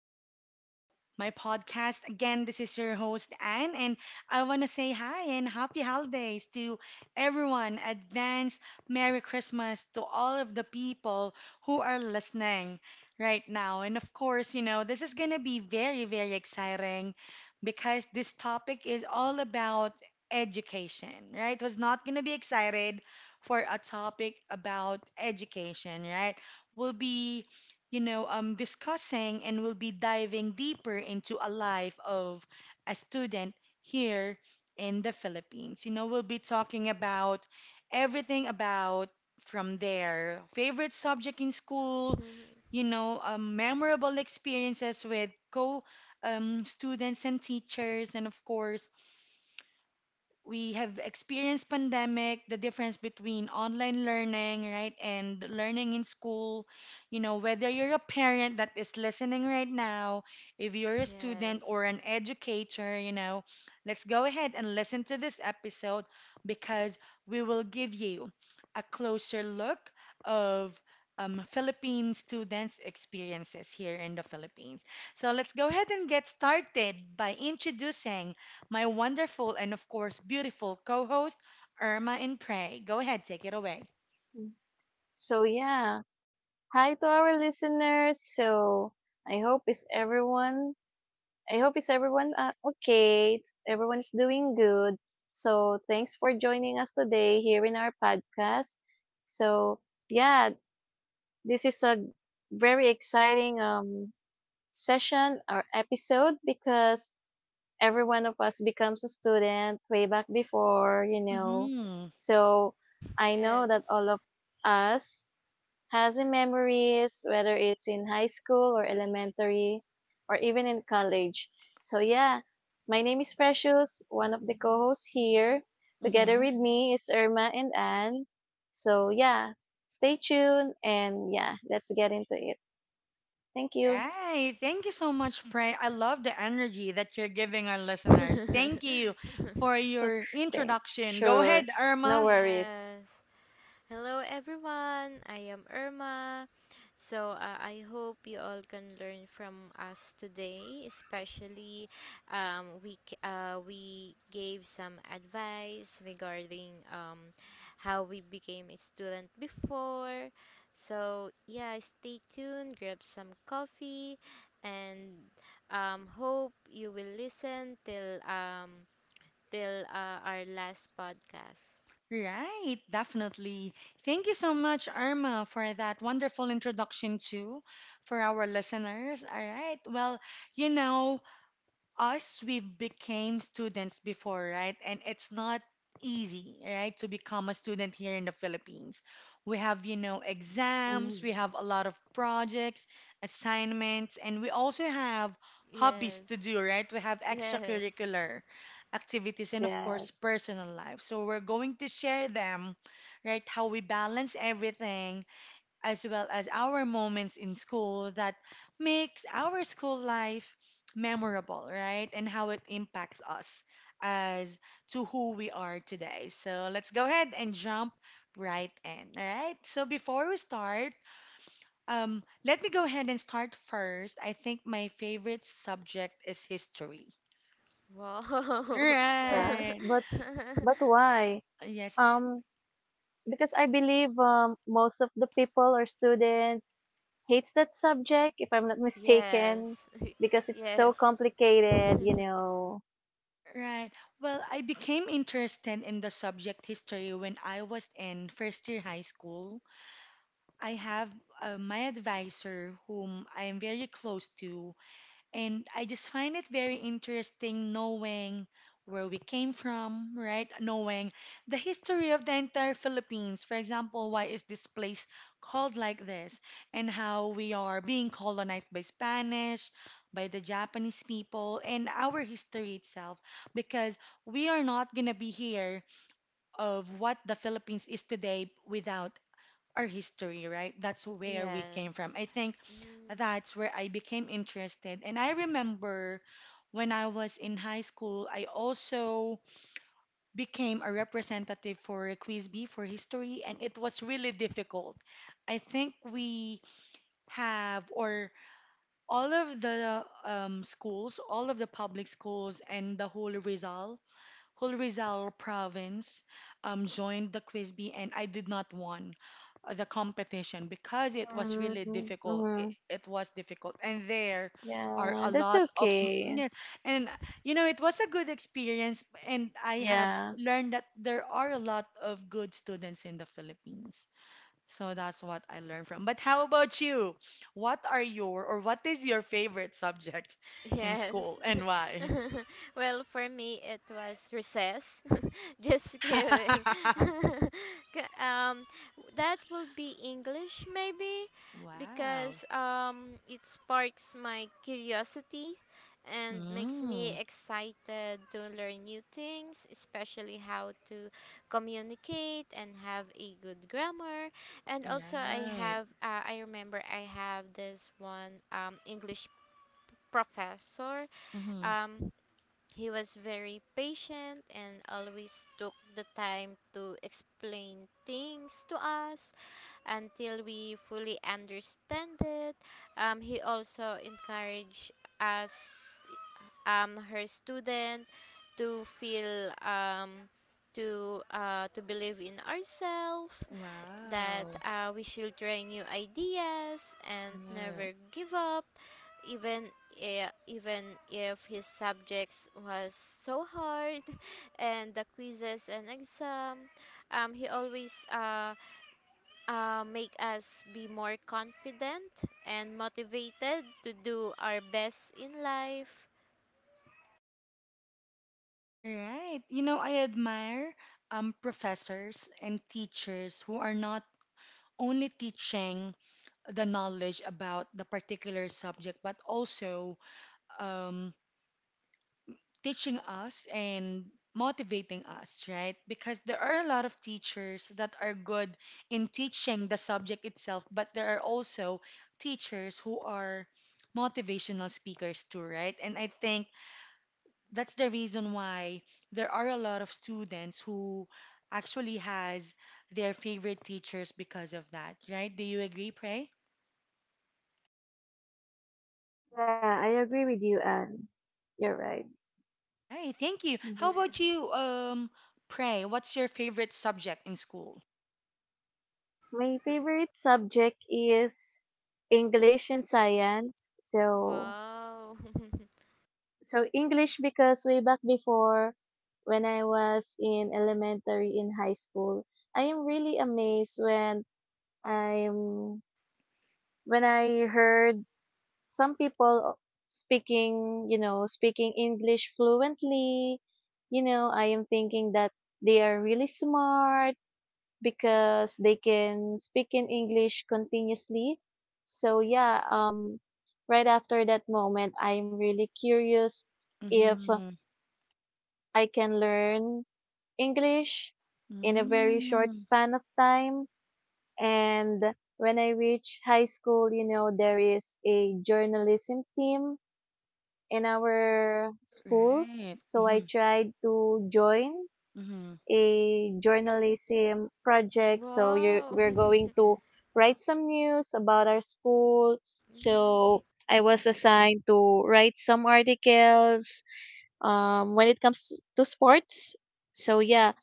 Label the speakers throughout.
Speaker 1: back to my podcast. Again, this is your host, Anne, and I want to say hi and happy holidays to everyone. Advance Merry Christmas to all of the people who are listening right now. And of course, you know, this is going to be very, very exciting because this topic is all about education, right? It was not going to be excited for a topic about education, right? We'll be discussing, and we'll be diving deeper into a life of a student here in the Philippines. You know, we'll be talking about everything about from their favorite subject in school, memorable experiences with co students and teachers, and of course, we have experienced pandemic, the difference between online learning, right, and learning in school. You know, whether you're a parent that is listening right now, if you're a student
Speaker 2: Yes.
Speaker 1: or an educator, you know, let's go ahead and listen to this episode because we will give you a closer look of Philippine students' experiences here in the Philippines. So let's go ahead and get started by introducing my wonderful and, of course, beautiful co host, Irma and Prey. Go ahead, take it away.
Speaker 3: Mm. So yeah, hi to our listeners. So I hope is everyone. I hope is everyone, okay. Everyone is doing good. So thanks for joining us today here in our podcast. So yeah, this is a very exciting session or episode because every one of us becomes a student way back before.
Speaker 1: Mm-hmm.
Speaker 3: So I know that
Speaker 2: Yes.
Speaker 3: all of us has a memories, whether it's in high school or elementary or even in college. So yeah, my name is Precious, one of the co-hosts here. Together
Speaker 1: Mm-hmm.
Speaker 3: with me is Irma and Anne. So yeah, stay tuned and, yeah, let's get into it. Thank you.
Speaker 1: Right. Thank you so much, Prey. I love the energy that you're giving our listeners. Thank you for your
Speaker 3: Thank.
Speaker 1: introduction. Go ahead,
Speaker 3: Sure. No
Speaker 1: Irma.
Speaker 3: worries.
Speaker 2: Yes. Hello everyone, I am Irma. So I hope you all can learn from us today, especially we gave some advice regarding how we became a student before. So yeah, stay tuned, grab some coffee, and hope you will listen till our last podcast.
Speaker 1: Right, definitely. Thank you so much, Irma, for that wonderful introduction, too, for our listeners. All right. Well, you know, us, we've became students before, right? And it's not easy, right, to become a student here in the Philippines. We have, you know, exams,
Speaker 3: Mhm.
Speaker 1: we have a lot of projects, assignments, and we also have hobbies
Speaker 2: Yes.
Speaker 1: to do, right? We have
Speaker 2: Yes.
Speaker 1: extracurricular activities and of course
Speaker 3: Yes.
Speaker 1: personal life, so we're going to share them, right, how we balance everything, as well as our moments in school that makes our school life memorable, right? And how it impacts us as to who we are today. So let's go ahead and jump right in, all right? So before we start, let me go ahead and start first. I think my favorite subject is history.
Speaker 2: Wow.
Speaker 3: Yeah,
Speaker 1: Right.
Speaker 3: but why?
Speaker 1: Yes,
Speaker 3: Um, because I believe, most of the people or students hates that subject, if I'm not mistaken,
Speaker 2: Yes.
Speaker 3: because it's
Speaker 2: Yes.
Speaker 3: so complicated.
Speaker 1: right. Well, I became interested in the subject history when I was in first year high school. I have my advisor whom I am very close to, and I just find it very interesting knowing where we came from, right? Knowing the history of the entire Philippines. For example, why is this place called like this, and how we are being colonized by Spanish, by the Japanese people, and our history itself, because we are not gonna be here of what the Philippines is today without our history, right? That's where we came from.
Speaker 2: Yes.
Speaker 1: I think
Speaker 2: Mm.
Speaker 1: that's where I became interested. And I remember when I was in high school, I also became a representative for a quiz bee for history, and it was really difficult. I think we have, or all of the schools, all of the public schools, and the whole Rizal province joined the quiz bee, and I did not won the competition because it was
Speaker 3: Hmm.
Speaker 1: really difficult. It,
Speaker 3: Mm-hmm.
Speaker 1: it was difficult, and there are
Speaker 3: Yeah,
Speaker 1: a
Speaker 3: that's
Speaker 1: lot of
Speaker 3: okay.
Speaker 1: yeah, and you know it was a good experience, and I have
Speaker 3: Yeah,
Speaker 1: learned that there are a lot of good students in the Philippines. So that's what I learned from. But how about you? What are your or what is your favorite subject in
Speaker 2: Yes.
Speaker 1: school and why?
Speaker 2: Well, for me, it was recess. Just kidding. K- um, that would be English, maybe,
Speaker 1: Wow.
Speaker 2: because it sparks my curiosity and makes me
Speaker 1: Mm,
Speaker 2: excited to learn new things, especially how to communicate and have a good grammar. And also,
Speaker 1: right.
Speaker 2: I remember I have this one English professor.
Speaker 1: Mm-hmm.
Speaker 2: Um, he was very patient and always took the time to explain things to us until we fully understand it. He also encouraged us, her student, to feel to believe in ourselves that
Speaker 1: Wow.
Speaker 2: we should try new ideas and
Speaker 1: Right.
Speaker 2: never give up, even even if his subjects was so hard, and the quizzes and exam. He always make us be more confident and motivated to do our best in life.
Speaker 1: Right. You know, I admire professors and teachers who are not only teaching the knowledge about the particular subject, but also um, teaching us and motivating us, right? Because there are a lot of teachers that are good in teaching the subject itself, but there are also teachers who are motivational speakers too, right? And I think that's the reason why there are a lot of students who actually has their favorite teachers because of that, right? Do you agree, Pray?
Speaker 3: yeah, I agree with you, Anne. You're right.
Speaker 1: Right. Thank you. How
Speaker 3: Hmm.
Speaker 2: Yeah.
Speaker 1: about you, Pray? What's your favorite subject in school?
Speaker 3: My favorite subject is English and science, so
Speaker 2: Wow.
Speaker 3: so English, because way back before when I was in elementary in high school, I am really amazed when I'm when I heard some people speaking English fluently. You know, I am thinking that they are really smart because they can speak in English continuously. So yeah, right after that moment, I'm really curious if
Speaker 1: Mhm.
Speaker 3: I can learn English in a very short
Speaker 1: Mm,
Speaker 3: span of time. And when I reach high school, you know, there is a journalism team in our school.
Speaker 1: right.
Speaker 3: So I
Speaker 1: Mm-hmm.
Speaker 3: tried to join
Speaker 1: Mm-hmm.
Speaker 3: a journalism project. So
Speaker 2: Wow.
Speaker 3: we're
Speaker 2: Mhm.
Speaker 3: going to write some news about our school. So I was assigned to write some articles, when it comes to sports. So yeah,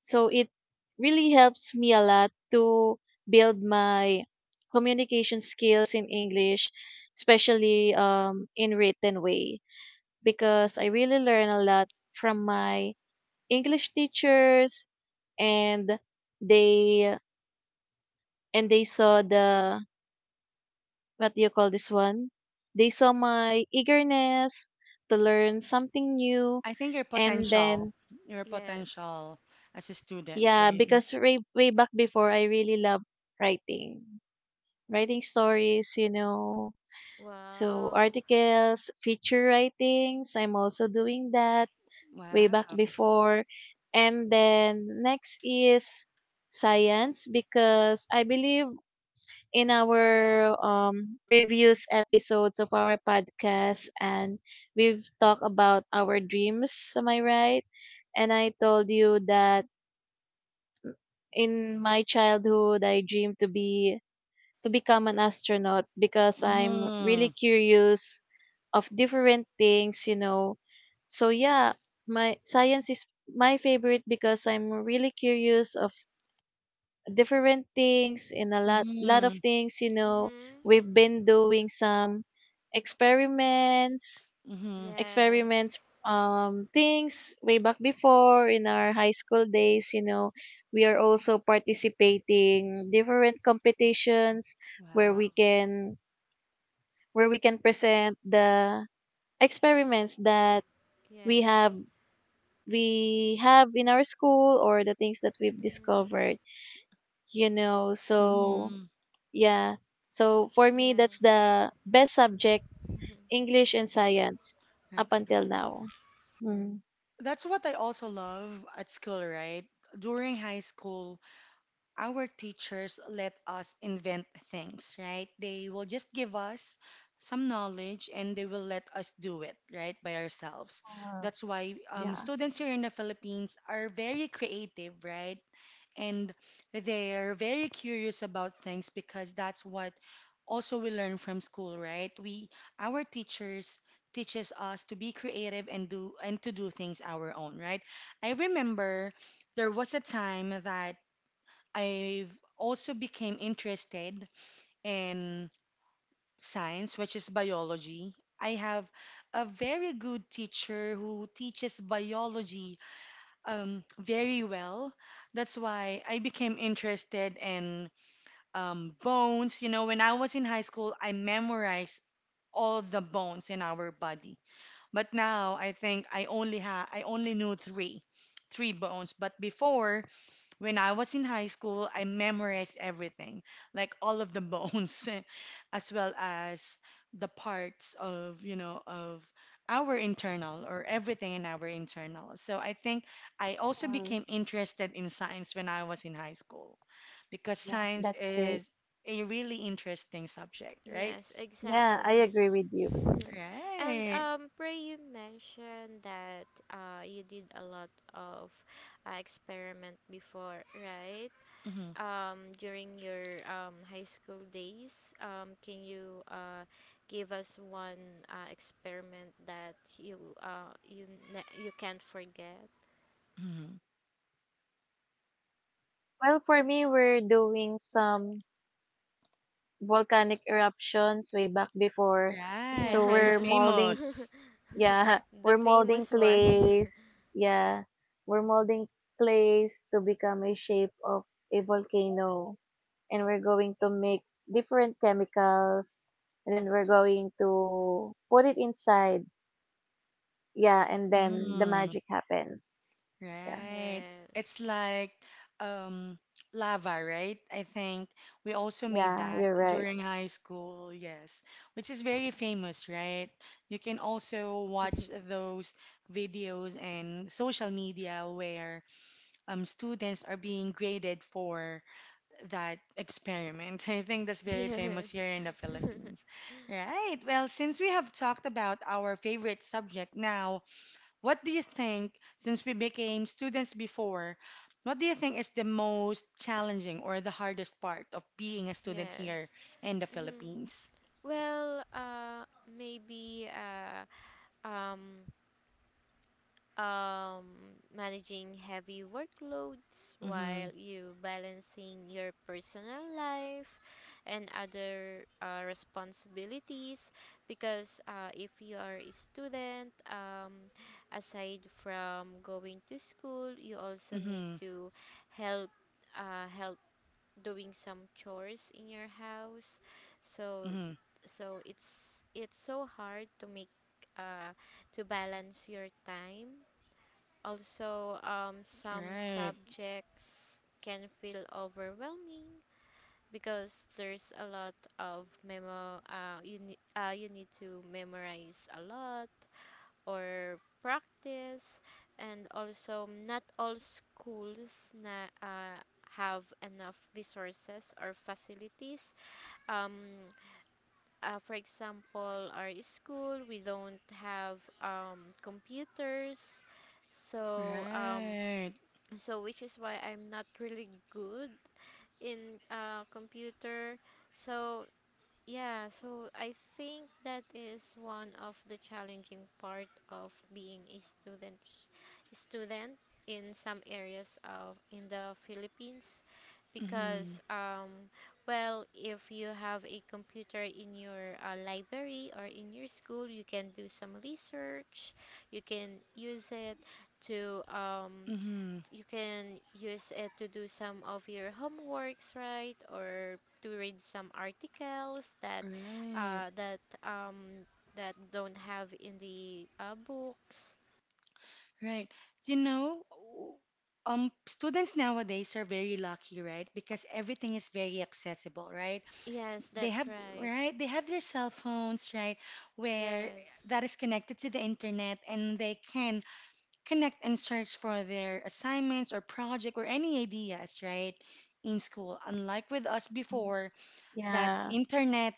Speaker 3: so it really helps me a lot to build my communication skills in English, especially, in written way, because I really learn a lot from my English teachers, and they and they saw the what do you call this one? They saw my eagerness to learn something new,
Speaker 1: I think
Speaker 3: and
Speaker 2: Mhm.
Speaker 3: then,
Speaker 1: your
Speaker 2: Yes.
Speaker 1: potential as a student,
Speaker 3: yeah,
Speaker 1: right?
Speaker 3: because way way back before I really love writing. Writing stories, you know. So
Speaker 2: Wow.
Speaker 3: articles, feature writings, I'm also doing that way back
Speaker 1: Wow.
Speaker 3: before. And then next is science, because I believe in our, previous episodes of our podcast, and we've talked about our dreams, am I right? And I told you that in my childhood I dreamed to become an astronaut because I'm really
Speaker 1: Mm-hmm.
Speaker 3: curious of different things, you know. So yeah, my science is my favorite because I'm really curious of different things and a lot of
Speaker 1: Mm-hmm.
Speaker 3: things, you know.
Speaker 2: Mhm.
Speaker 3: We've been doing some experiments,
Speaker 1: Mm-hmm.
Speaker 2: Yes.
Speaker 3: experiments, things way back before in our high school days, you know. We are also participating different competitions where
Speaker 1: Wow.
Speaker 3: we can present the experiments that we have
Speaker 2: Yes.
Speaker 3: we have in our school, or the things that we've
Speaker 2: Mhm.
Speaker 3: discovered, you know. So
Speaker 1: Mm-hmm.
Speaker 3: yeah, so for me, that's
Speaker 2: Yes.
Speaker 3: the best subject, English and science up until now. Mm.
Speaker 1: That's what I also love at school, right? During high school, our teachers let us invent things, right? They will just give us some knowledge and they will let us do it, right, by ourselves.
Speaker 3: Uh,
Speaker 1: That's why
Speaker 3: yeah
Speaker 1: students here in the Philippines are very creative, right? And they are very curious about things because that's what also we learn from school, right? We our teachers teaches us to be creative and do and to do things our own, right? I remember there was a time that I've also became interested in science, which is biology. I have a very good teacher who teaches biology very well. That's why I became interested in bones. You know, when I was in high school, I memorized all the bones in our body. But now I think I only knew three bones. But before, when I was in high school, I memorized everything, like all of the bones, as well as the parts of, you know, of our internal or everything in our internal. So I think I also
Speaker 3: uh,
Speaker 1: became interested in science when I was in high school because
Speaker 3: yeah,
Speaker 1: science
Speaker 3: that's great.
Speaker 1: is a really interesting subject, right?
Speaker 2: Yes,
Speaker 3: Yeah, I
Speaker 2: exactly.
Speaker 3: agree with you.
Speaker 2: and
Speaker 1: Right.
Speaker 2: Pray, you mentioned that you did a lot of experiment before, right? During your high school days, can you give us one experiment that you can't forget?
Speaker 1: Hmm.
Speaker 3: Well, for me, we're doing some volcanic eruptions way back before,
Speaker 1: Right,
Speaker 3: so
Speaker 1: very
Speaker 3: we're
Speaker 2: Yeah.
Speaker 3: molding
Speaker 1: famous.
Speaker 3: yeah,
Speaker 2: The
Speaker 3: we're molding
Speaker 2: famous one.
Speaker 3: clays. Yeah, we're molding clays to become a shape of a volcano. And we're going to mix different chemicals. And then we're going to put it inside. Yeah, and then the
Speaker 1: Mm,
Speaker 3: magic happens. Yeah,
Speaker 1: right.
Speaker 2: Yes.
Speaker 1: It's like um lava, right? I think we also made
Speaker 3: yeah,
Speaker 1: that
Speaker 3: you're right.
Speaker 1: during high school, yes, which is very famous, right? You can also
Speaker 2: Exactly.
Speaker 1: watch those videos and social media where students are being graded for that experiment. I think that's very
Speaker 2: Yes.
Speaker 1: famous here in the Philippines. Right. Well, since we have talked about our favorite subject now, what do you think, since we became students before, what do you think is the most challenging or the hardest part of being a student here
Speaker 2: Yes.
Speaker 1: in the
Speaker 2: hmm
Speaker 1: Philippines?
Speaker 2: Well, maybe, um um, managing heavy workloads
Speaker 1: Mm-hmm.
Speaker 2: while you balancing your personal life and other responsibilities, because if you are a student, aside from going to school you also need
Speaker 1: Mm-hmm.
Speaker 2: to help help doing some chores in your house, so
Speaker 1: Mm-hmm.
Speaker 2: so it's so hard to make uh, to balance your time. Also, some
Speaker 1: Right.
Speaker 2: subjects can feel overwhelming because there's a lot of memo. You need to memorize a lot or practice, and also not all schools na have enough resources or facilities. Um, for example, our school we don't have computers, so um,
Speaker 1: Right.
Speaker 2: so which is why I'm not really good in computer. So yeah, so I think that is one of the challenging part of being a student in some areas of in the Philippines,
Speaker 1: Mm-hmm.
Speaker 2: because well, if you have a computer in your library or in your school, you can do some research, you can use it to
Speaker 1: Mm-hmm.
Speaker 2: do some of your homeworks, right, or to read some articles
Speaker 1: Right.
Speaker 2: uh, that um, that don't have in the books.
Speaker 1: Right. You know, students nowadays are very lucky, right? Because everything is very accessible, right?
Speaker 2: Yes,
Speaker 1: They
Speaker 2: that's
Speaker 1: have,
Speaker 2: right.
Speaker 1: right? They have their cell phones, right? Where
Speaker 2: Yes.
Speaker 1: that is connected to the internet and they can connect and search for their assignments or project or any ideas, right? In school. Unlike with us
Speaker 3: Mm.
Speaker 1: before, that
Speaker 3: Yeah,
Speaker 1: internet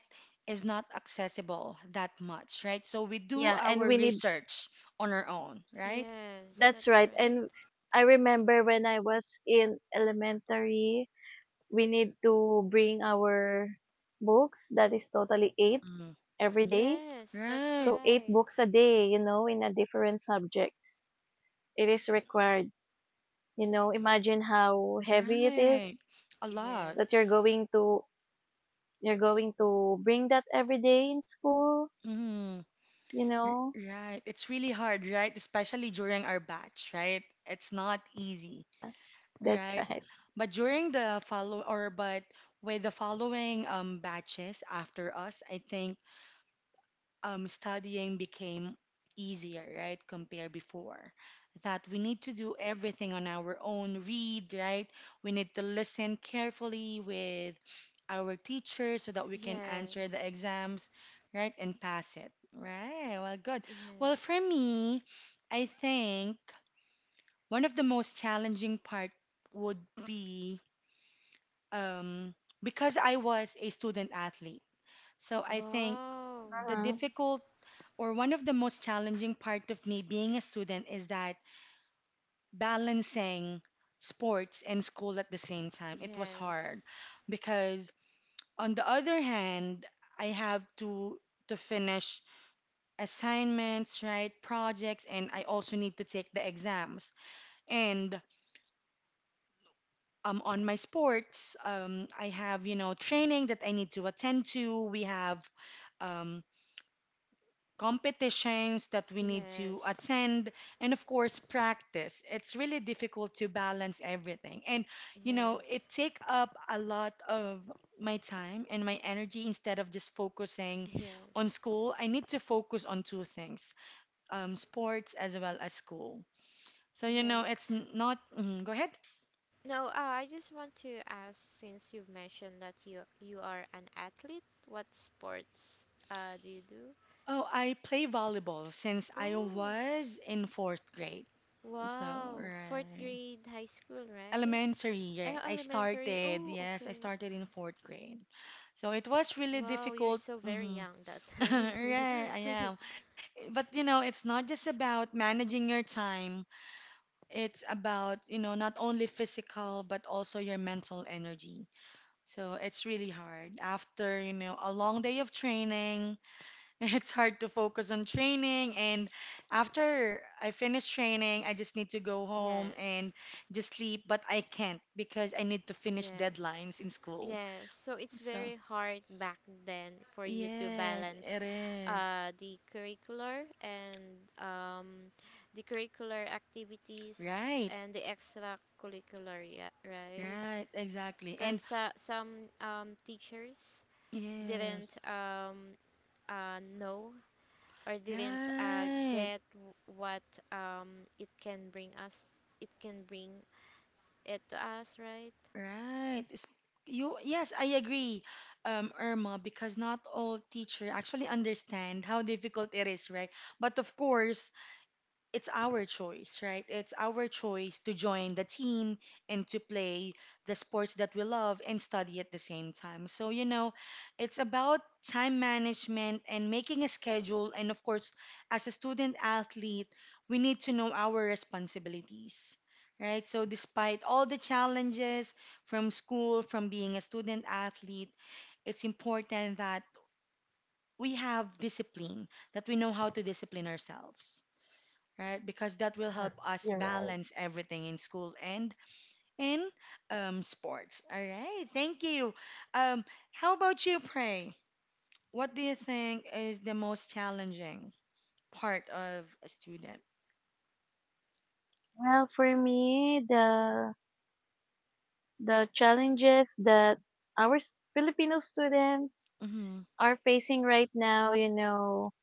Speaker 1: is not accessible that much, right? So we do
Speaker 3: yeah, and
Speaker 1: our research on our own, right?
Speaker 2: Yes,
Speaker 3: that's
Speaker 2: that's
Speaker 3: right.
Speaker 2: right.
Speaker 3: And I remember when I was in elementary, we need to bring our books that is totally eight every day.
Speaker 2: Yes, that's
Speaker 1: Right,
Speaker 3: So eight
Speaker 2: right.
Speaker 3: books a day, in a different subjects, it is required. Imagine how heavy it
Speaker 1: right.
Speaker 3: is,
Speaker 1: A lot.
Speaker 2: Yes.
Speaker 3: that you're going to bring that every day in school
Speaker 1: Mm,
Speaker 3: you know
Speaker 1: right. It's really hard, right? Especially during our batch, right? It's not easy,
Speaker 3: yeah that's
Speaker 1: right?
Speaker 3: right.
Speaker 1: But during the follow or but with the following batches after us, I think studying became easier, right, compared before. That we need to do everything on our own, read, right? We need to listen carefully with our teachers so that we can answer the
Speaker 2: Yes.
Speaker 1: exams, right, and pass it. Right, well, good. Well,
Speaker 2: Yes.
Speaker 1: for me, I think one of the most challenging part would be um, because I was a student athlete. So I think
Speaker 2: Wow.
Speaker 1: the
Speaker 3: Uh-huh.
Speaker 1: difficult or one of the most challenging part of me being a student is that balancing sports and school at the same time, it was hard
Speaker 2: Yes.
Speaker 1: because on the other hand, I have to finish assignments, right, projects, and I also need to take the exams. And on my sports, I have, you know, training that I need to attend to. We have um, competitions that we need to
Speaker 2: Yes.
Speaker 1: attend, and of course, practice. It's really difficult to balance everything. And, you know, it
Speaker 2: Yes.
Speaker 1: take up a lot of my time and my energy instead of just focusing on
Speaker 2: Yes.
Speaker 1: school. I need to focus on two things, sports as well as school. So, you know,
Speaker 2: Yes.
Speaker 1: it's not, mhm, go ahead.
Speaker 2: No, I just want to ask, since you've mentioned that you are an athlete, what sports do you do?
Speaker 1: Oh, I play volleyball since I
Speaker 2: Oh,
Speaker 1: was in fourth grade. So,
Speaker 2: wow. Fourth
Speaker 1: right.
Speaker 2: grade high school, right?
Speaker 1: Elementary,
Speaker 2: Uh,
Speaker 1: yeah, I
Speaker 2: elementary.
Speaker 1: started.
Speaker 2: Oh,
Speaker 1: Yes, I
Speaker 2: okay.
Speaker 1: started in fourth grade. So it was really
Speaker 2: Wow, you're
Speaker 1: difficult.
Speaker 2: so very
Speaker 1: Hmm.
Speaker 2: young that time.
Speaker 1: Right, I am. But you know, it's not just about managing your time. It's about, you know, not only physical but also your mental energy. So it's really hard after, you know, a long day of training. It's hard to focus on training, and after I finish training, I just need to go home
Speaker 2: Yes.
Speaker 1: and just sleep, but I can't because I need to finish
Speaker 2: Yes.
Speaker 1: deadlines in school.
Speaker 2: Yes, so it's
Speaker 1: So,
Speaker 2: very hard back then for you to
Speaker 1: yes,
Speaker 2: balance
Speaker 1: it is.
Speaker 2: uh, the curricular and um, the curricular activities
Speaker 1: Right,
Speaker 2: and the extracurricular, yeah, right?
Speaker 1: right, exactly. And
Speaker 2: Because some teachers didn't
Speaker 1: yes,
Speaker 2: know, or didn't
Speaker 1: right,
Speaker 2: get what um, it can bring us, it can bring it to us, right?
Speaker 1: right. You, yes, I agree, Irma, because not all teacher actually understand how difficult it is, right? But of course, it's our choice, right? It's our choice to join the team and to play the sports that we love and study at the same time. So, you know, it's about time management and making a schedule. And of course, as a student athlete, we need to know our responsibilities, right? So, despite all the challenges from school, from being a student athlete, it's important that we have discipline, that we know how to discipline ourselves, right? Because that will help
Speaker 3: Mhm.
Speaker 1: us
Speaker 3: You're right.
Speaker 1: balance everything in school and in sports. All right, thank you. Um, how about you, Pray? What do you think is the most challenging part of a student?
Speaker 3: Well, for me, the challenges that our Filipino students
Speaker 1: Mm-hmm,
Speaker 3: are facing right now, you know,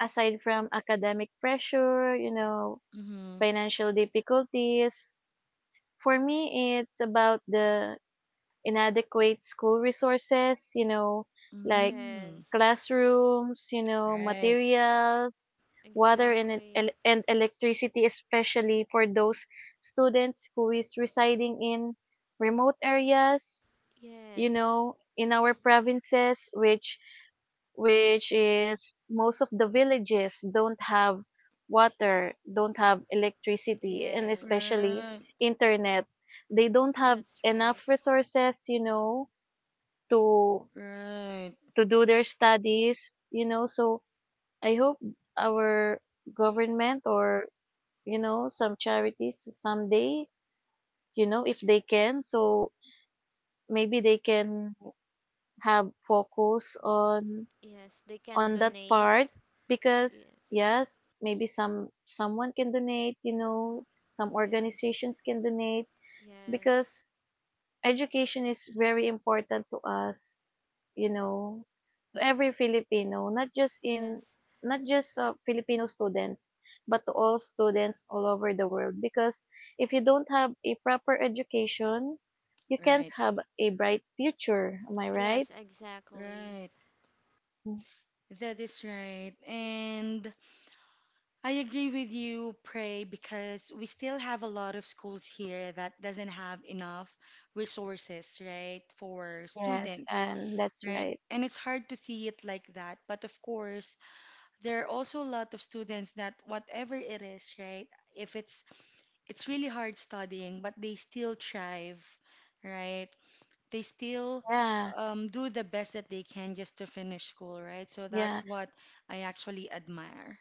Speaker 3: aside from academic pressure,
Speaker 1: mm-hmm,
Speaker 3: financial difficulties. For me, it's about the inadequate school resources, you know, like
Speaker 1: mm-hmm.
Speaker 2: Yes,
Speaker 3: classrooms, you know,
Speaker 1: Right,
Speaker 3: materials, water and
Speaker 2: exactly.
Speaker 3: and electricity, especially for those students who is residing in remote areas, you
Speaker 2: Yes.
Speaker 3: know, in our provinces, which is most of the villages don't have water, don't have electricity, and
Speaker 2: Yes,
Speaker 3: especially
Speaker 1: right,
Speaker 3: internet. They don't have
Speaker 2: that's
Speaker 3: enough
Speaker 2: right.
Speaker 3: resources, you know, to
Speaker 1: right,
Speaker 3: to do their studies, you know. So I hope our government, or, you know, some charities, someday, you know, if they can, so maybe they can have focus on
Speaker 2: Yes, they can
Speaker 3: that part,
Speaker 2: donate.
Speaker 3: because,
Speaker 2: Yes,
Speaker 3: yes, maybe someone can donate, you know, some
Speaker 2: yes,
Speaker 3: organizations can donate,
Speaker 2: yes,
Speaker 3: because education is very important to us, you know. To every Filipino, not just in
Speaker 2: yes,
Speaker 3: not just, Filipino students, but to all students all over the world, because if you don't have a proper education, you can't
Speaker 1: right,
Speaker 3: have a bright future, am I right?
Speaker 2: yes, exactly.
Speaker 1: right.
Speaker 3: Mm.
Speaker 1: That is right. And I agree with you, Pray, because we still have a lot of schools here that doesn't have enough resources, right, for
Speaker 3: Yes,
Speaker 1: students,
Speaker 3: and that's
Speaker 1: right?
Speaker 3: right.
Speaker 1: And it's hard to see it like that. But of course, there are also a lot of students that whatever it is, right, if it's really hard studying, but they still thrive, right? They still
Speaker 3: Yeah,
Speaker 1: do the best that they can just to finish school, right? So that's
Speaker 3: yeah.
Speaker 1: what I actually admire,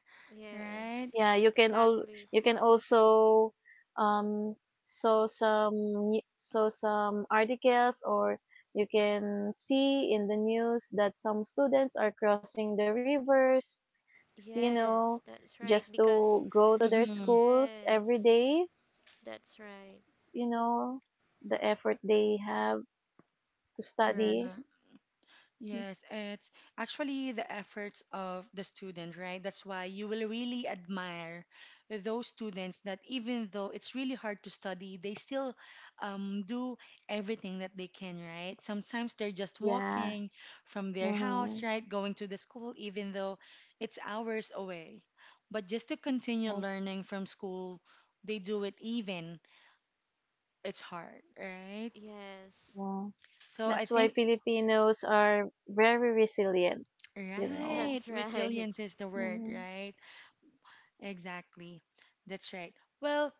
Speaker 1: right?
Speaker 2: Yes,
Speaker 3: Yeah,
Speaker 2: exactly.
Speaker 3: you can also, um saw some articles, or you can see in the news that some students are crossing the rivers, you know,
Speaker 2: Yes, that's right.
Speaker 3: just to
Speaker 2: Because,
Speaker 3: go to their
Speaker 1: Mhm.
Speaker 3: schools every
Speaker 2: yes,
Speaker 3: day,
Speaker 2: that's right.
Speaker 3: you know, the effort they have to
Speaker 1: Right.
Speaker 3: study. Mm.
Speaker 1: Yes, it's actually the efforts of the student, right? That's why you will really admire those students that even though it's really hard to study, they still do everything that they can, right? Sometimes they're just
Speaker 3: Yeah.
Speaker 1: walking from their house,
Speaker 3: Mhm.
Speaker 1: right? Going to the school, even though it's hours away. But just to continue
Speaker 3: Yes.
Speaker 1: learning from school, they do it even it's hard, right?
Speaker 2: Yes,
Speaker 3: Yeah.
Speaker 1: So I
Speaker 3: That's why
Speaker 1: think
Speaker 3: Filipinos are very resilient, you know.
Speaker 1: right.
Speaker 2: that's right.
Speaker 1: Resilience is the word,
Speaker 3: Mhm.
Speaker 1: right? Exactly. That's right. Well,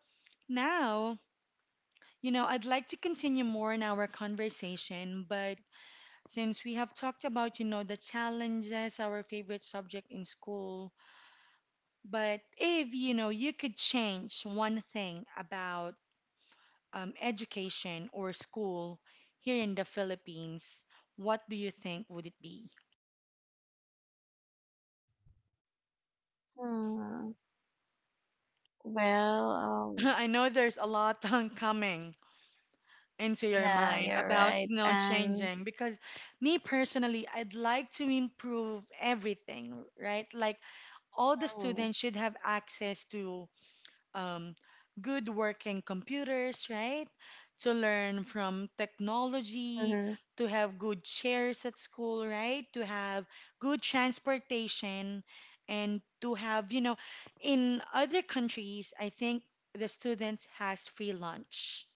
Speaker 1: now, you know, I'd like to continue more in our conversation, but since we have talked about, you know, the challenges, our favorite subject in school, but if, you know, you could change one thing about education or school here in the Philippines, what do you think would it be?
Speaker 3: Hmm. Well,
Speaker 1: I know there's a lot coming into your
Speaker 3: yeah,
Speaker 1: mind
Speaker 3: you're
Speaker 1: about
Speaker 3: right.
Speaker 1: you know
Speaker 3: And
Speaker 1: changing because me personally, I'd like to improve everything, right? Like all the
Speaker 3: mhm.
Speaker 1: students should have access to um, good working computers, right? To learn from technology,
Speaker 3: Mhm.
Speaker 1: to have good chairs at school, right? To have good transportation and to have, you know, in other countries I think the students has free lunch,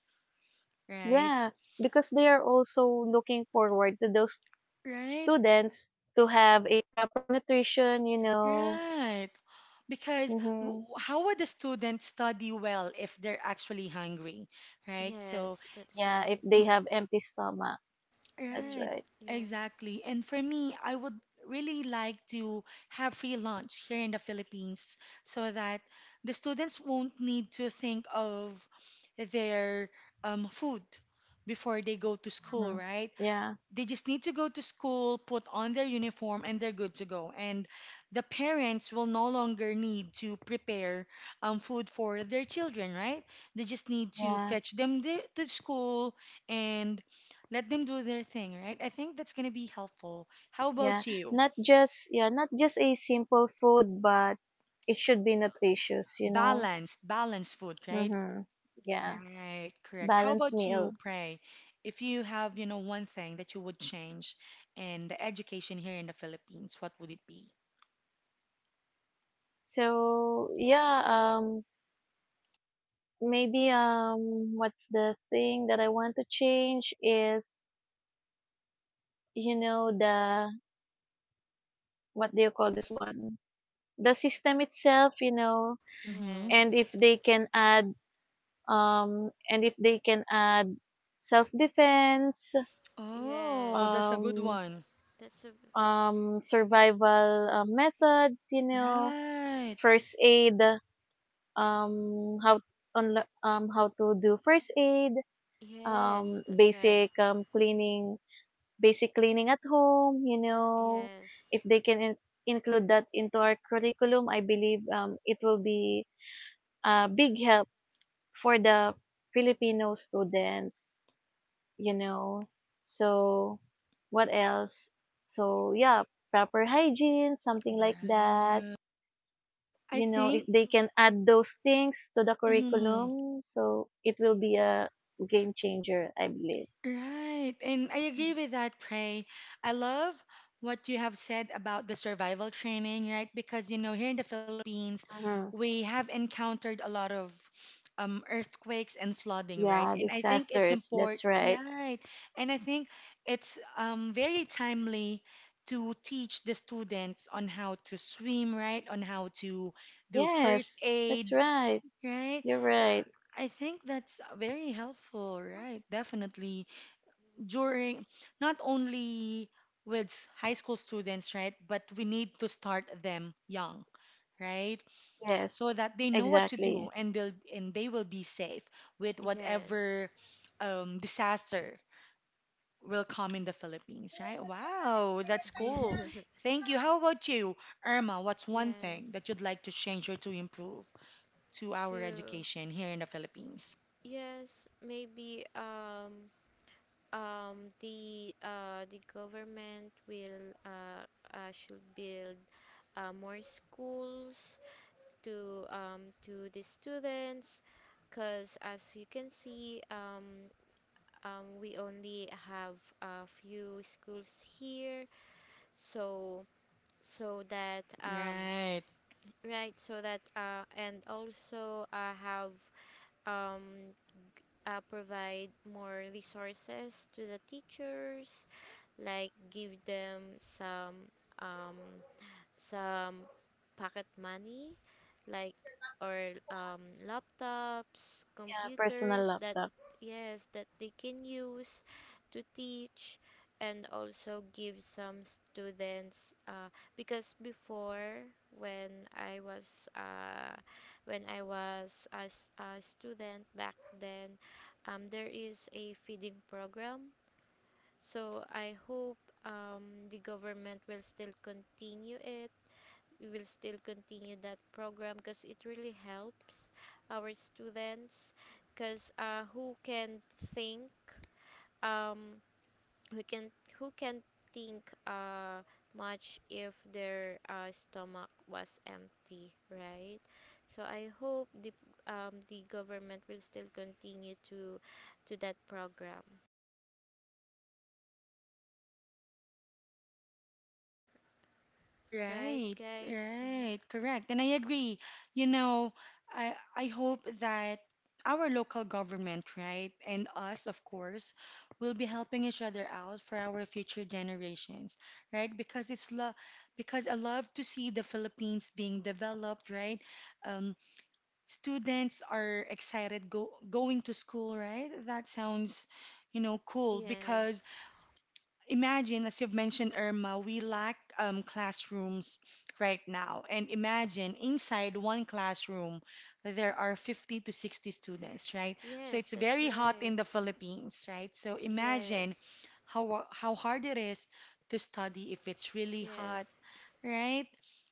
Speaker 1: right?
Speaker 3: Yeah, because they are also looking forward to those
Speaker 1: Right.
Speaker 3: students to have a proper nutrition.
Speaker 1: Right. Because
Speaker 3: Hmm.
Speaker 1: how would a student study well if they're actually hungry, right? So,
Speaker 2: Yes, that's
Speaker 3: Yeah, if
Speaker 2: right.
Speaker 3: they
Speaker 1: mm,
Speaker 3: have empty stomach. That's
Speaker 2: Hmm.
Speaker 1: right,
Speaker 3: right.
Speaker 2: Yes,
Speaker 1: exactly. And for me, I would really like to have free lunch here in the Philippines so that the students won't need to think of their food before they go to school,
Speaker 3: Hmm.
Speaker 1: right?
Speaker 3: Yeah.
Speaker 1: They just need to go to school, put on their uniform, and they're good to go. And the parents will no longer need to prepare food for their children, right? They just need to
Speaker 3: Yeah.
Speaker 1: fetch them to school and let them do their thing, right? I think that's going to be helpful. How
Speaker 3: Yeah,
Speaker 1: about you?
Speaker 3: not just, yeah, not just a simple food, but it should be nutritious.
Speaker 1: Balanced, balanced food, right?
Speaker 3: Mhm. Yeah,
Speaker 1: Right, correct. How
Speaker 3: balanced
Speaker 1: about you,
Speaker 3: meal.
Speaker 1: Pray? If you have, you know, one thing that you would change in the education here in the Philippines, what would it be?
Speaker 3: So, yeah, maybe, what's the thing that I want to change is, you know, the what do you call this one? The system itself, you know,
Speaker 1: Mm-hmm.
Speaker 3: and if
Speaker 2: yes,
Speaker 3: they can add self defense,
Speaker 1: Oh, that's
Speaker 2: yes.
Speaker 1: a good
Speaker 3: um
Speaker 1: one.
Speaker 2: That's a
Speaker 3: survival, methods, you know,
Speaker 1: Right.
Speaker 3: first aid, um, how on how to do first aid,
Speaker 2: yes. That's right.
Speaker 3: basic, cleaning, basic cleaning at home, you know,
Speaker 2: Yes.
Speaker 3: if they can include that into our curriculum, I believe, it will be a big help for the Filipino students, you know. So, what else? So, yeah, proper hygiene, something like that.
Speaker 1: Right. I
Speaker 3: If
Speaker 1: think.
Speaker 3: they can add those things to the
Speaker 1: Mhm.
Speaker 3: curriculum, so it will be a game changer, I believe.
Speaker 1: Right. And I agree with that, Pray. I love what you have said about the survival training, right? Because, you know, here in the Philippines,
Speaker 3: Mhm.
Speaker 1: we have encountered a lot of earthquakes and flooding, right?
Speaker 3: Yeah,
Speaker 1: And I think it's
Speaker 3: disasters.
Speaker 1: important,
Speaker 3: That's right.
Speaker 1: yeah, right. And I think it's very timely to teach the students on how to swim, right? On how to do first
Speaker 3: Yes, that's
Speaker 1: aid,
Speaker 3: right.
Speaker 1: right?
Speaker 3: You're right.
Speaker 1: I think that's very helpful, right? Definitely during not only with high school students, right? But we need to start them young, right? So
Speaker 3: Yes,
Speaker 1: that they know what to do
Speaker 3: exactly.
Speaker 1: and they will be safe with
Speaker 2: Yes.
Speaker 1: whatever disaster will come in the Philippines, right? Wow, that's
Speaker 2: Yeah.
Speaker 1: cool. Thank you. How about you, Irma? What's one thing
Speaker 2: Yes.
Speaker 1: that you'd like to change or to improve to our
Speaker 2: True.
Speaker 1: education here in the Philippines?
Speaker 2: Yes, maybe the government will should build more schools to the students, because as you can see we only have a few schools here, so so that
Speaker 1: Right.
Speaker 2: right, so that and also have um, provide more resources to the teachers, like give them some um, some pocket money, like, or laptops,
Speaker 3: Yeah, personal
Speaker 2: computers that,
Speaker 3: laptops.
Speaker 2: yes, that they can use to teach. And also give some students, because before when I was as a student back then, there is a feeding program, so I hope the government will still continue that program, because it really helps our students, because think um, who can who can think much if their stomach was empty, right? So I hope the government will still continue to that program, right,
Speaker 1: Right,
Speaker 2: guys?
Speaker 1: right, correct. And I agree. You know, I hope that our local government, right, and us, of course, will be helping each other out for our future generations, right? Because it's love, because I love to see the Philippines being developed, right? Um, Students are excited go going to school, right? That sounds, you know, cool because
Speaker 2: Yes.
Speaker 1: imagine, as you've mentioned, Irma, we lack classrooms right now. And imagine inside one classroom, there are 50 to 60 students, right? So
Speaker 2: Yes,
Speaker 1: it's
Speaker 2: that's
Speaker 1: very hot
Speaker 2: right.
Speaker 1: in the Philippines, right? So imagine
Speaker 2: Yes.
Speaker 1: how hard it is to study if it's really hot,
Speaker 2: Yes.
Speaker 1: right?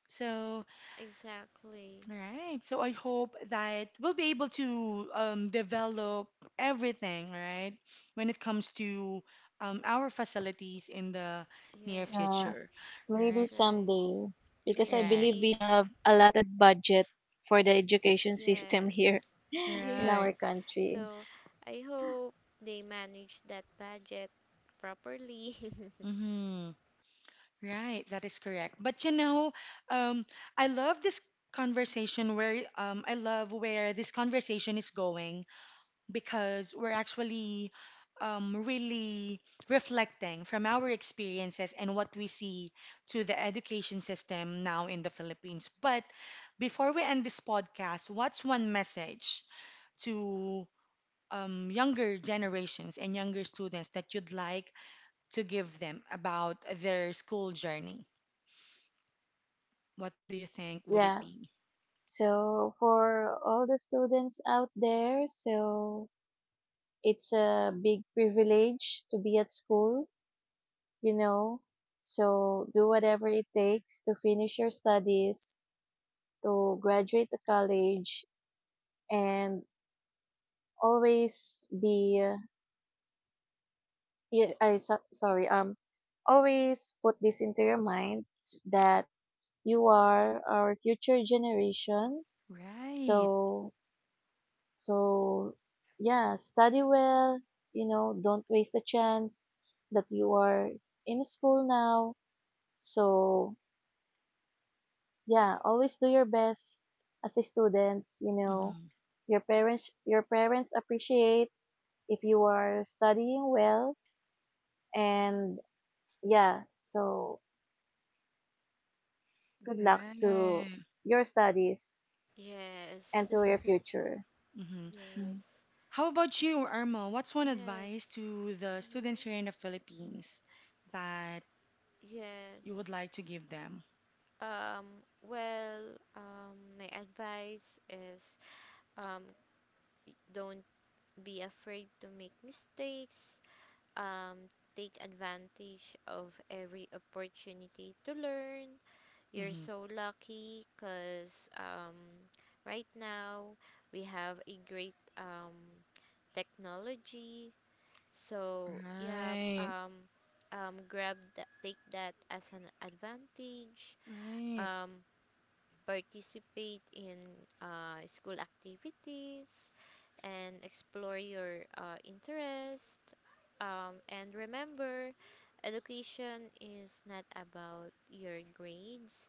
Speaker 1: So
Speaker 2: Exactly.
Speaker 1: right. So I hope that we'll be able to develop everything, right, when it comes to our facilities in the near
Speaker 2: Yes,
Speaker 3: Yeah,
Speaker 1: future.
Speaker 2: that's
Speaker 3: maybe
Speaker 1: Right.
Speaker 2: right.
Speaker 3: someday. Because I
Speaker 1: Right.
Speaker 3: believe
Speaker 2: Maybe,
Speaker 3: we have allotted budget for the education system
Speaker 2: yes.
Speaker 3: here in
Speaker 1: Right.
Speaker 3: our
Speaker 2: Yes.
Speaker 3: country.
Speaker 2: So, I hope they manage that budget properly.
Speaker 1: Mm-hmm. Right. That is correct. But you know, um, I love this conversation where I love where this conversation is going because we're actually really reflecting from our experiences and what we see to the education system now in the Philippines. But before we end this podcast, what's one message to younger generations and younger students that you'd like to give them about their school journey? What do you think would it
Speaker 3: Yeah.
Speaker 1: be?
Speaker 3: So for all the students out there, so it's a big privilege to be at school, you know. So do whatever it takes to finish your studies, to graduate the college, and always be, yeah, I, so- sorry, always put this into your mind that you are our future generation.
Speaker 1: Right.
Speaker 3: So So, yeah, study well, don't waste a chance that you are in school now. So, yeah, always do your best as a student, you know.
Speaker 1: Mm-hmm.
Speaker 3: Your parents appreciate if you are studying well, and yeah, so good luck to
Speaker 1: Right.
Speaker 3: your studies
Speaker 2: Yes.
Speaker 3: and to your
Speaker 1: Right.
Speaker 3: future.
Speaker 1: Mm-hmm.
Speaker 2: Yes.
Speaker 1: How about you, Irma? What's one advice
Speaker 2: Yes.
Speaker 1: to the
Speaker 2: Hmm.
Speaker 1: students here in the Philippines that you
Speaker 2: Yes.
Speaker 1: would like to give them?
Speaker 2: Well, my advice is, um, don't be afraid to make mistakes, um, take advantage of every opportunity to learn. You're
Speaker 1: Hmm.
Speaker 2: so lucky because, right now we have a great, technology. So yeah,
Speaker 1: Right,
Speaker 2: grab that, take that as an advantage.
Speaker 1: right,
Speaker 2: Um, participate in school activities and explore your interest. And remember, education is not about your grades,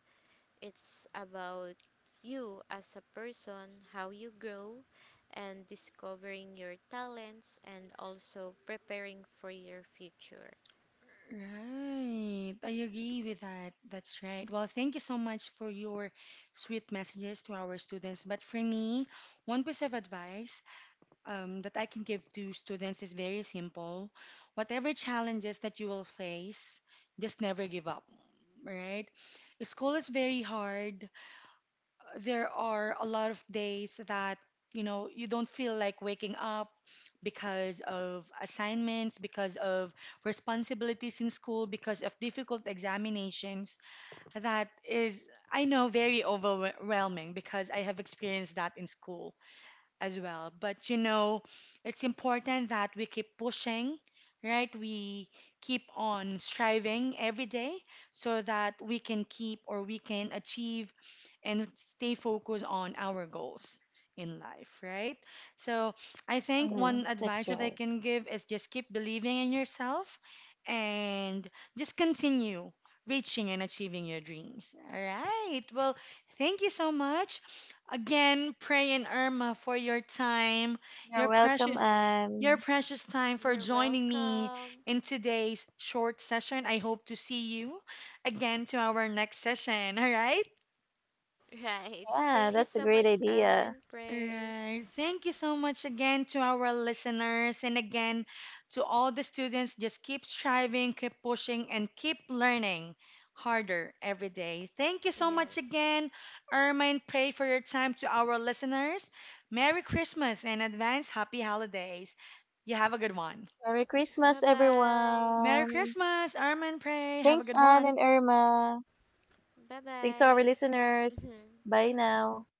Speaker 2: it's about you as a person, how you grow, and discovering your talents, and also preparing for your future.
Speaker 1: right. I agree with that. That's right. Well, thank you so much for your sweet messages to our students. But for me, one piece of advice that I can give to students is very simple. Whatever challenges that you will face, just never give up, right? School is very hard, there are a lot of days that, you know, you don't feel like waking up because of assignments, because of responsibilities in school, because of difficult examinations. That is, I know, very overwhelming because I have experienced that in school as well. But you know, it's important that we keep pushing, right? We keep on striving every day so that we can keep or we can achieve and stay focused on our goals in life, right? So I think
Speaker 3: Mm-hmm.
Speaker 1: one
Speaker 3: That's
Speaker 1: advice that I
Speaker 3: right.
Speaker 1: can give is just keep believing in yourself and just continue reaching and achieving your dreams. All right. Well, thank you so much. Again, praying Irma for your time,
Speaker 3: You're
Speaker 1: your
Speaker 3: welcome,
Speaker 1: precious your
Speaker 3: and
Speaker 1: precious time for
Speaker 2: You're
Speaker 1: joining me
Speaker 2: welcome.
Speaker 1: in today's short session. I hope to see you again to our next session. All right?
Speaker 2: Right. Thank
Speaker 3: yeah,
Speaker 2: you
Speaker 3: that's
Speaker 2: so
Speaker 3: a great
Speaker 2: much, Anne
Speaker 3: idea.
Speaker 2: and Pray.
Speaker 1: Right. Thank you so much again to our listeners and again to all the students. Just keep striving, keep pushing, and keep learning harder every day. Thank you so much
Speaker 2: Yes.
Speaker 1: again, Irma, pray for your time to our listeners. Merry Christmas and advance happy holidays. You have a good one.
Speaker 3: Merry
Speaker 2: Bye
Speaker 3: Christmas,
Speaker 2: bye.
Speaker 1: Merry
Speaker 3: everyone.
Speaker 1: Christmas, Irma pray. Have a
Speaker 3: Thanks,
Speaker 1: good
Speaker 3: Anne
Speaker 1: one.
Speaker 3: and Irma.
Speaker 2: Bye
Speaker 3: Thanks to
Speaker 2: bye.
Speaker 3: our listeners.
Speaker 2: Hmm.
Speaker 3: Bye now.